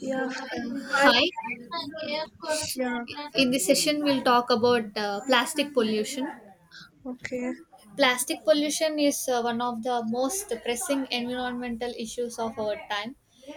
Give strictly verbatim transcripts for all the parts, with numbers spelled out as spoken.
Yeah, Uh, hi. Hi, Yeah, in this session, we'll talk about uh, plastic pollution. okay. Plastic pollution is uh, one of the most pressing environmental issues of our time.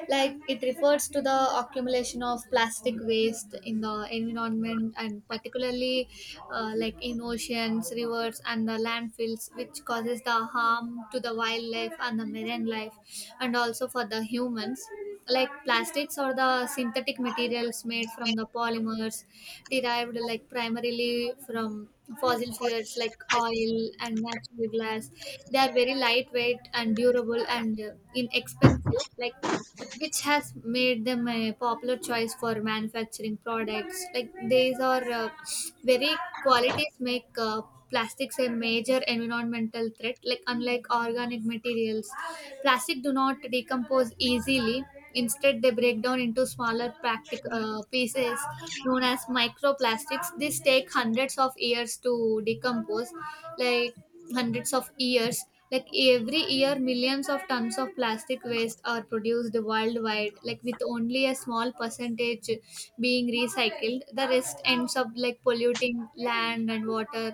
Like it refers to the accumulation of plastic waste in the environment, and particularly uh, like in oceans, rivers, and the landfills, which causes the harm to the wildlife and the marine life, and also for the humans. Like plastics or the synthetic materials made from the polymers derived like primarily from fossil fuels like oil and natural glass, they are very lightweight and durable and uh, inexpensive, like which has made them a popular choice for manufacturing products like these are uh, very qualities make uh, plastics a major environmental threat. Like unlike organic materials, plastic do not decompose easily, instead they break down into smaller practic- uh, pieces known as microplastics. These take hundreds of years to decompose, like hundreds of years. Like every year millions of tons of plastic waste are produced worldwide, like with only a small percentage being recycled, the rest ends up like polluting land and water,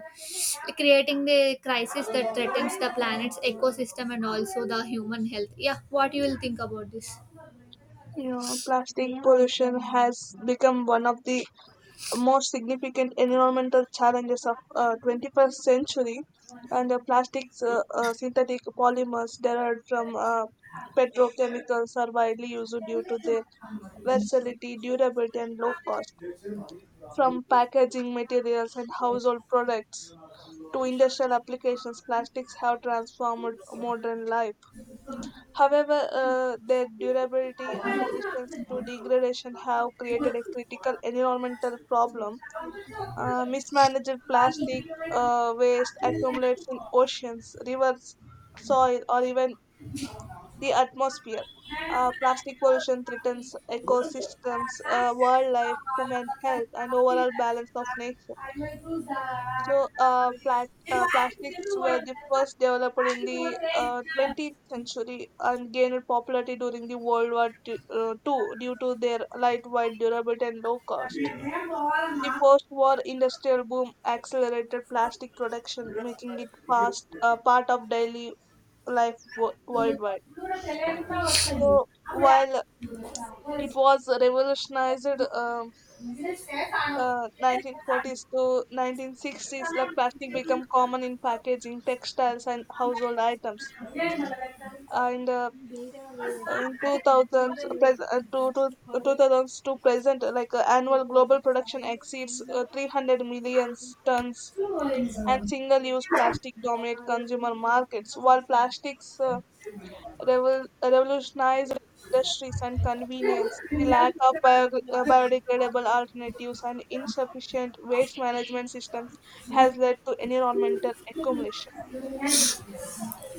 creating the crisis that threatens the planet's ecosystem and also the human health. Yeah, what you will think about this? Yeah, plastic pollution has become one of the most significant environmental challenges of uh, twenty-first century, and the plastics, uh, uh, synthetic polymers derived from uh, petrochemicals are widely used due to their versatility, durability, and low cost. From packaging materials and household products to industrial applications, plastics have transformed modern life. However, uh, their durability and resistance to degradation have created a critical environmental problem. Uh, mismanaged plastic uh, waste accumulates in oceans, rivers, soil, or even the atmosphere. Uh, plastic pollution threatens ecosystems, uh, wildlife, human health, and overall balance of nature. So, uh, plat- uh, plastics were the first developed in the uh, twentieth century and gained popularity during the World War two uh, the second due to their lightweight, durable, and low cost. The post-war industrial boom accelerated plastic production, making it fast uh, part of daily life wo- worldwide. So, while it was revolutionized, um uh, nineteen forties to nineteen sixties, like plastic become common in packaging, textiles, and household items. And uh, in two thousands pres- uh, to, to, two thousands to present, uh, like uh, annual global production exceeds uh, three hundred million tons, and single-use plastic dominate consumer markets, while plastics uh, revol- revolutionized industries and convenience. The lack of bio- uh, biodegradable alternatives and insufficient waste management systems has led to environmental accumulation.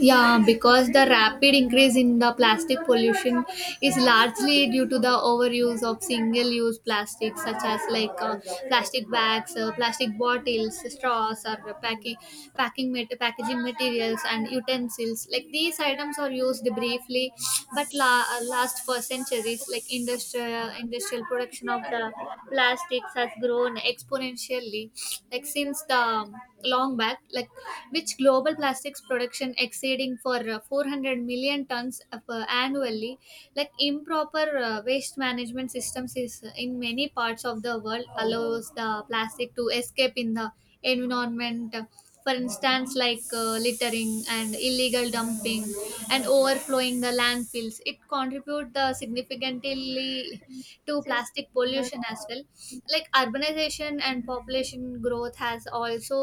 Yeah, because the rapid increase in the plastic pollution is largely due to the overuse of single-use plastics such as like uh, plastic bags, uh, plastic bottles, straws, or packing packing mat- packaging materials and utensils. Like these items are used briefly, but la- uh, last for centuries. Like industrial industrial production of the plastics has grown exponentially like since the long back, like which global plastics production exceeding for uh, four hundred million tons of, uh, annually. Like improper uh, waste management systems is in many parts of the world allows the plastic to escape in the environment, for instance like uh, littering and illegal dumping and overflowing the landfills, it contribute the significantly to plastic pollution as well. Like urbanization and population growth has also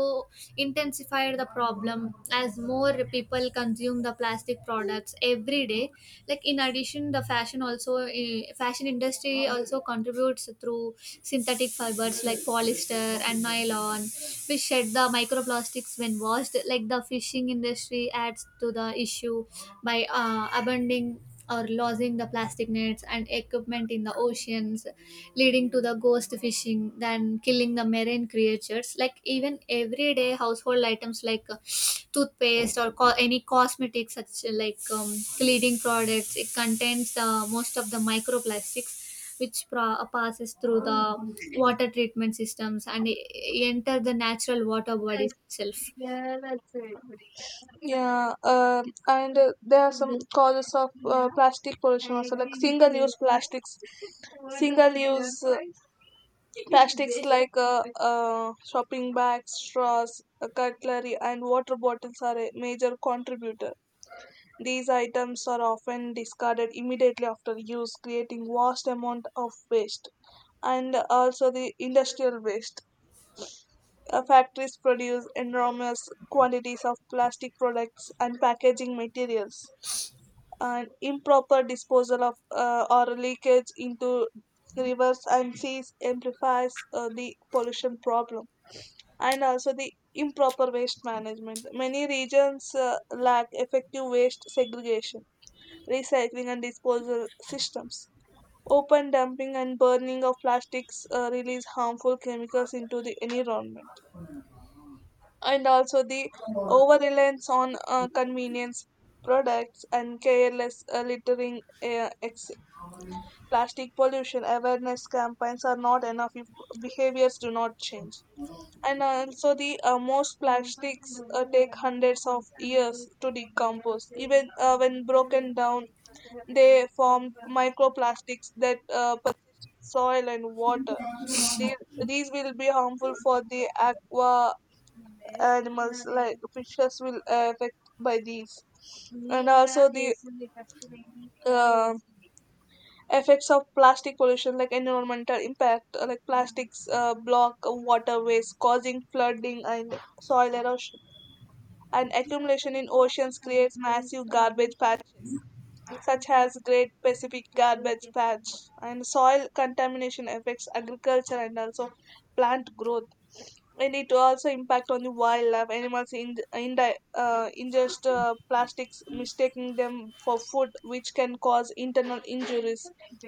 intensified the problem as more people consume the plastic products every day. Like in addition the fashion also eh, fashion industry also contributes through synthetic fibers like polyester and nylon, which shed the microplastics when washed. Like the fishing industry adds to the issue by uh, abandoning or losing the plastic nets and equipment in the oceans, leading to the ghost fishing, then killing the marine creatures. Like even everyday household items like toothpaste or co- any cosmetics such like um, cleaning products, it contains the most of the microplastics, which pro- passes through the water treatment systems and e- e, enter the natural water bodies itself. Yeah, um and uh, There are some causes of uh, plastic pollution also, like single-use plastics, single-use uh, plastics like uh, uh, shopping bags, straws, uh, cutlery, and water bottles are a major contributor. These items are often discarded immediately after use, creating vast amount of waste, and also the industrial waste. Uh, Factories produce enormous quantities of plastic products and packaging materials. And improper disposal of uh, or leakage into rivers and seas amplifies uh, the pollution problem, and also the improper waste management. Many regions uh, lack effective waste segregation, recycling and disposal systems. Open dumping and burning of plastics uh, release harmful chemicals into the environment. And also the over reliance on uh, convenience products and careless uh, littering. Uh, ex- plastic pollution awareness campaigns are not enough if behaviors do not change. And also, the uh, most plastics uh, take hundreds of years to decompose. Even uh, when broken down, they form microplastics that uh, persist in soil and water. These, these will be harmful for the aqua animals, like fishes will affect by these. And also, the uh, effects of plastic pollution, like environmental impact, uh, like plastics uh, block waterways, causing flooding and soil erosion, and accumulation in oceans creates massive garbage patches such as great pacific garbage patch, and soil contamination affects agriculture and also plant growth. And it also impact on the wildlife animals in, in uh, ingest uh, plastics, mistaking them for food, which can cause internal injuries,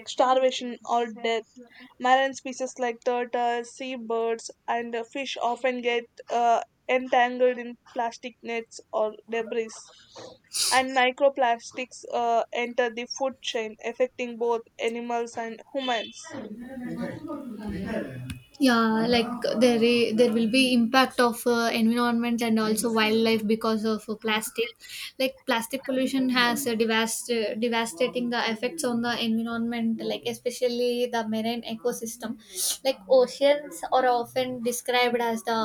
starvation or death. Marine species like turtles, seabirds and uh, fish often get uh, entangled in plastic nets or debris, and microplastics uh, enter the food chain, affecting both animals and humans. Yeah, like there i- there will be impact of uh, environment and also wildlife because of uh, plastic. Like plastic pollution has a devast- uh, devastating uh, effects on the environment, like especially the marine ecosystem. Like oceans are often described as the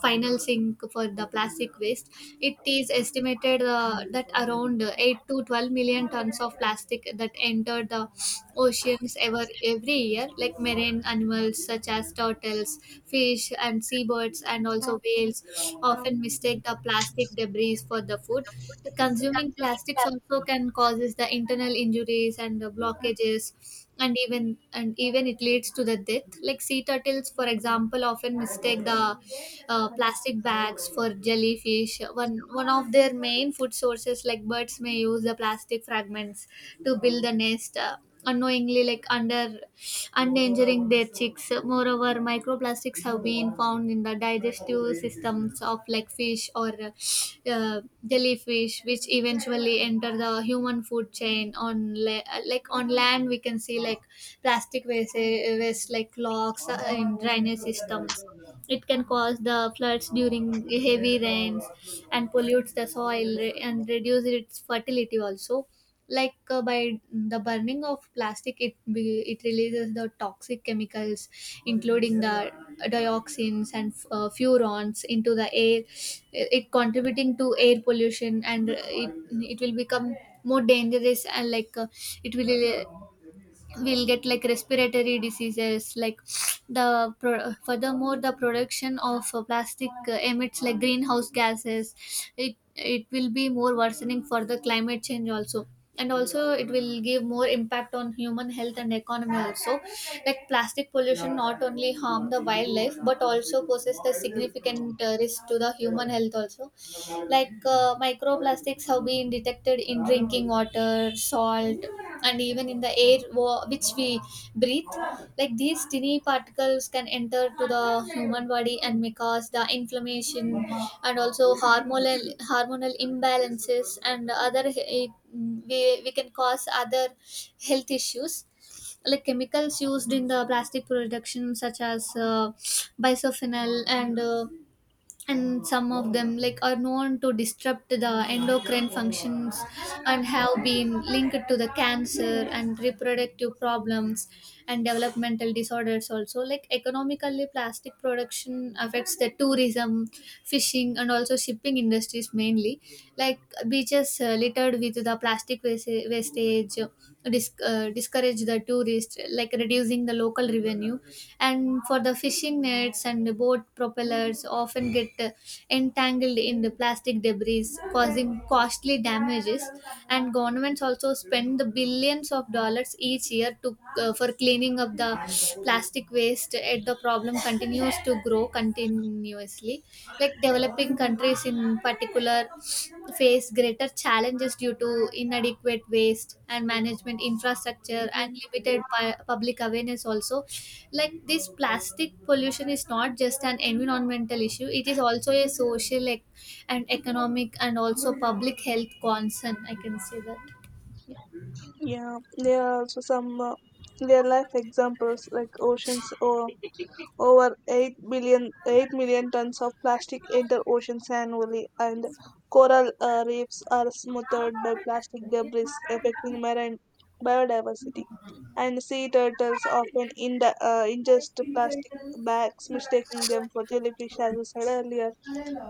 final sink for the plastic waste. It is estimated uh, that around eight to twelve million tons of plastic that entered the oceans ever every year. Like marine animals such as turtles, fish and seabirds and also whales often mistake the plastic debris for the food. The consuming plastics also can causes the internal injuries and the blockages, and even and even it leads to the death. Like sea turtles for example often mistake the uh, plastic bags for jellyfish, one one of their main food sources. Like birds may use the plastic fragments to build the nest uh, unknowingly, like under endangering their chicks. Moreover microplastics have been found in the digestive systems of like fish or uh, jellyfish, which eventually enter the human food chain. On la- like on land we can see like plastic waste, waste like locks uh, in drainage systems, it can cause the floods during heavy rains and pollutes the soil re- and reduce its fertility also. Like uh, by the burning of plastic, it be- it releases the toxic chemicals including the dioxins and uh, furans into the air. It it contributing to air pollution, and uh, it, it will become more dangerous, and like uh, it will we'll get like respiratory diseases. Like the pro- furthermore the production of uh, plastic uh, emits like greenhouse gases, it it will be more worsening for the climate change also. And also it will give more impact on human health and economy also. Like plastic pollution not only harm the wildlife but also poses the significant uh, risk to the human health also. Like uh, microplastics have been detected in drinking water, salt, and even in the air wa- which we breathe. Like these tiny particles can enter to the human body and may cause the inflammation and also hormonal hormonal imbalances and other eh, we, we can cause other health issues. Like chemicals used in the plastic production such as uh, bisphenol and uh, and some of them like are known to disrupt the endocrine functions and have been linked to the cancer and reproductive problems and developmental disorders also. Like economically plastic production affects the tourism, fishing and also shipping industries mainly. Like beaches uh, littered with the plastic wasta- wastage, disc uh, discourage the tourists, like reducing the local revenue. And for the fishing nets and the boat propellers, often get uh, entangled in the plastic debris, causing costly damages. And governments also spend the billions of dollars each year to uh, for cleaning up the plastic waste. Yet the problem continues to grow, con- continuously. Like developing countries in particular face greater challenges due to inadequate waste and management infrastructure and limited pu- public awareness also. Like this plastic pollution is not just an environmental issue, it is also a social ec- and economic and also public health concern, I can say that. Yeah, there are also some uh, real life examples like oceans, or over eight billion, eight million tons of plastic enter oceans annually, and coral uh, reefs are smothered by plastic debris, affecting marine biodiversity. And sea turtles often in the, uh, ingest plastic bags, mistaking them for jellyfish, as I said earlier.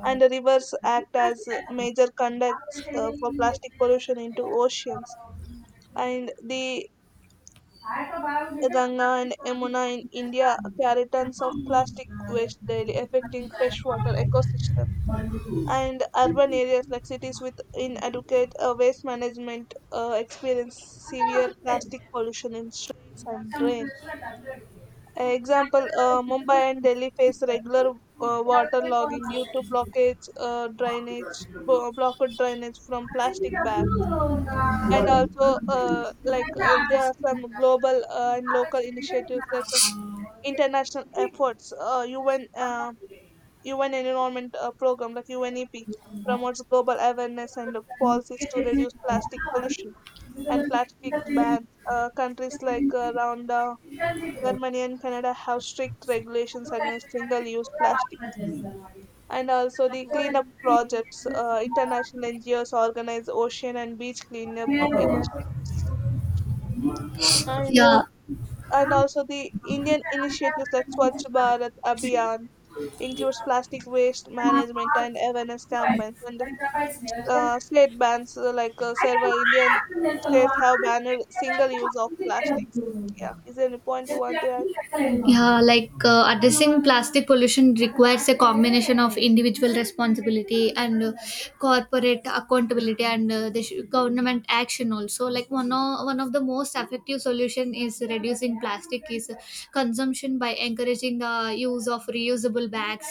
And the rivers act as major conducts uh, for plastic pollution into oceans, and the Ganga and Yamuna in India carry tons of plastic waste daily, affecting freshwater ecosystem. And urban areas like cities with inadequate uh, waste management uh, experience severe plastic pollution in streets and drains. Example: uh, Mumbai and Delhi face regular uh, water logging due to blockage, uh, drainage, bo- blocked drainage from plastic bags. And also uh, like uh, there are some global uh, and local initiatives like international efforts. Uh, U N uh, U N Environment uh, Program, like UNEP, promotes global awareness and policies to reduce plastic pollution and plastic bans. Uh, countries like uh, around uh, Germany and Canada have strict regulations against single-use plastics. And also the cleanup projects, uh, international N G Os organize ocean and beach cleanup initiatives. And uh, Yeah. and also the Indian initiatives like Swachh Bharat Abhiyan includes plastic waste management and awareness campaigns. And uh, state bans, uh, like uh, several Indian states have banned single use of plastics. Yeah, is there any point you want to add? Yeah, like uh, addressing plastic pollution requires a combination of individual responsibility and uh, corporate accountability and uh, the sh- government action also. Like one of, one of the most effective solution is reducing plastic is consumption by encouraging the use of reusable bags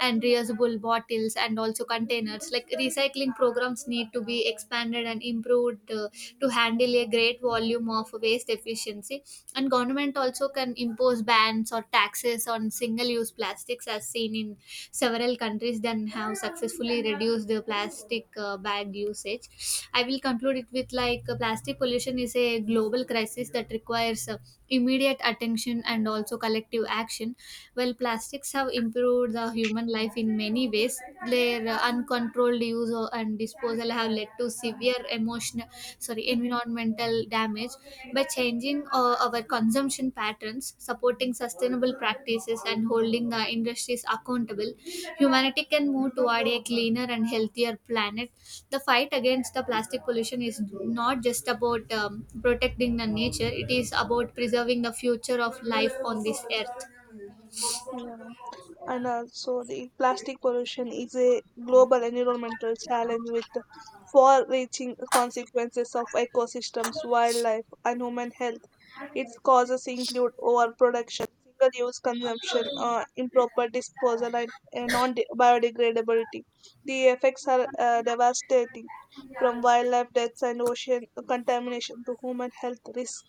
and reusable bottles and also containers. Like recycling programs need to be expanded and improved uh, to handle a great volume of waste efficiency, and government also can impose bans or taxes on single use plastics as seen in several countries that have successfully reduced the plastic uh, bag usage. I will conclude it with like uh, plastic pollution is a global crisis that requires uh, immediate attention and also collective action. While plastics have improved the human life in many ways, their uh, uncontrolled use or- and disposal have led to severe emotional, sorry, environmental damage. By changing uh, our consumption patterns, supporting sustainable practices, and holding the industries accountable, humanity can move toward a cleaner and healthier planet. The fight against the plastic pollution is not just about um, protecting the nature, it is about preserving the future of life on this earth. Yeah, and also the plastic pollution is a global environmental challenge with far-reaching consequences of ecosystems, wildlife, and human health. Its causes include overproduction, single-use consumption, uh, improper disposal, and uh, non-biodegradability. The effects are uh, devastating, from wildlife deaths and ocean contamination to human health risks.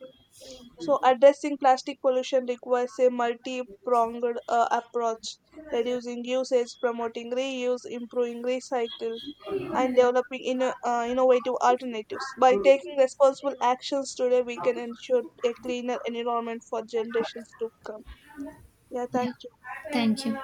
So, addressing plastic pollution requires a multi pronged uh, approach, reducing usage, promoting reuse, improving recycle, and developing inno- uh, innovative alternatives. By taking responsible actions today, we can ensure a cleaner environment for generations to come. Yeah, Yeah, thank you. thank you.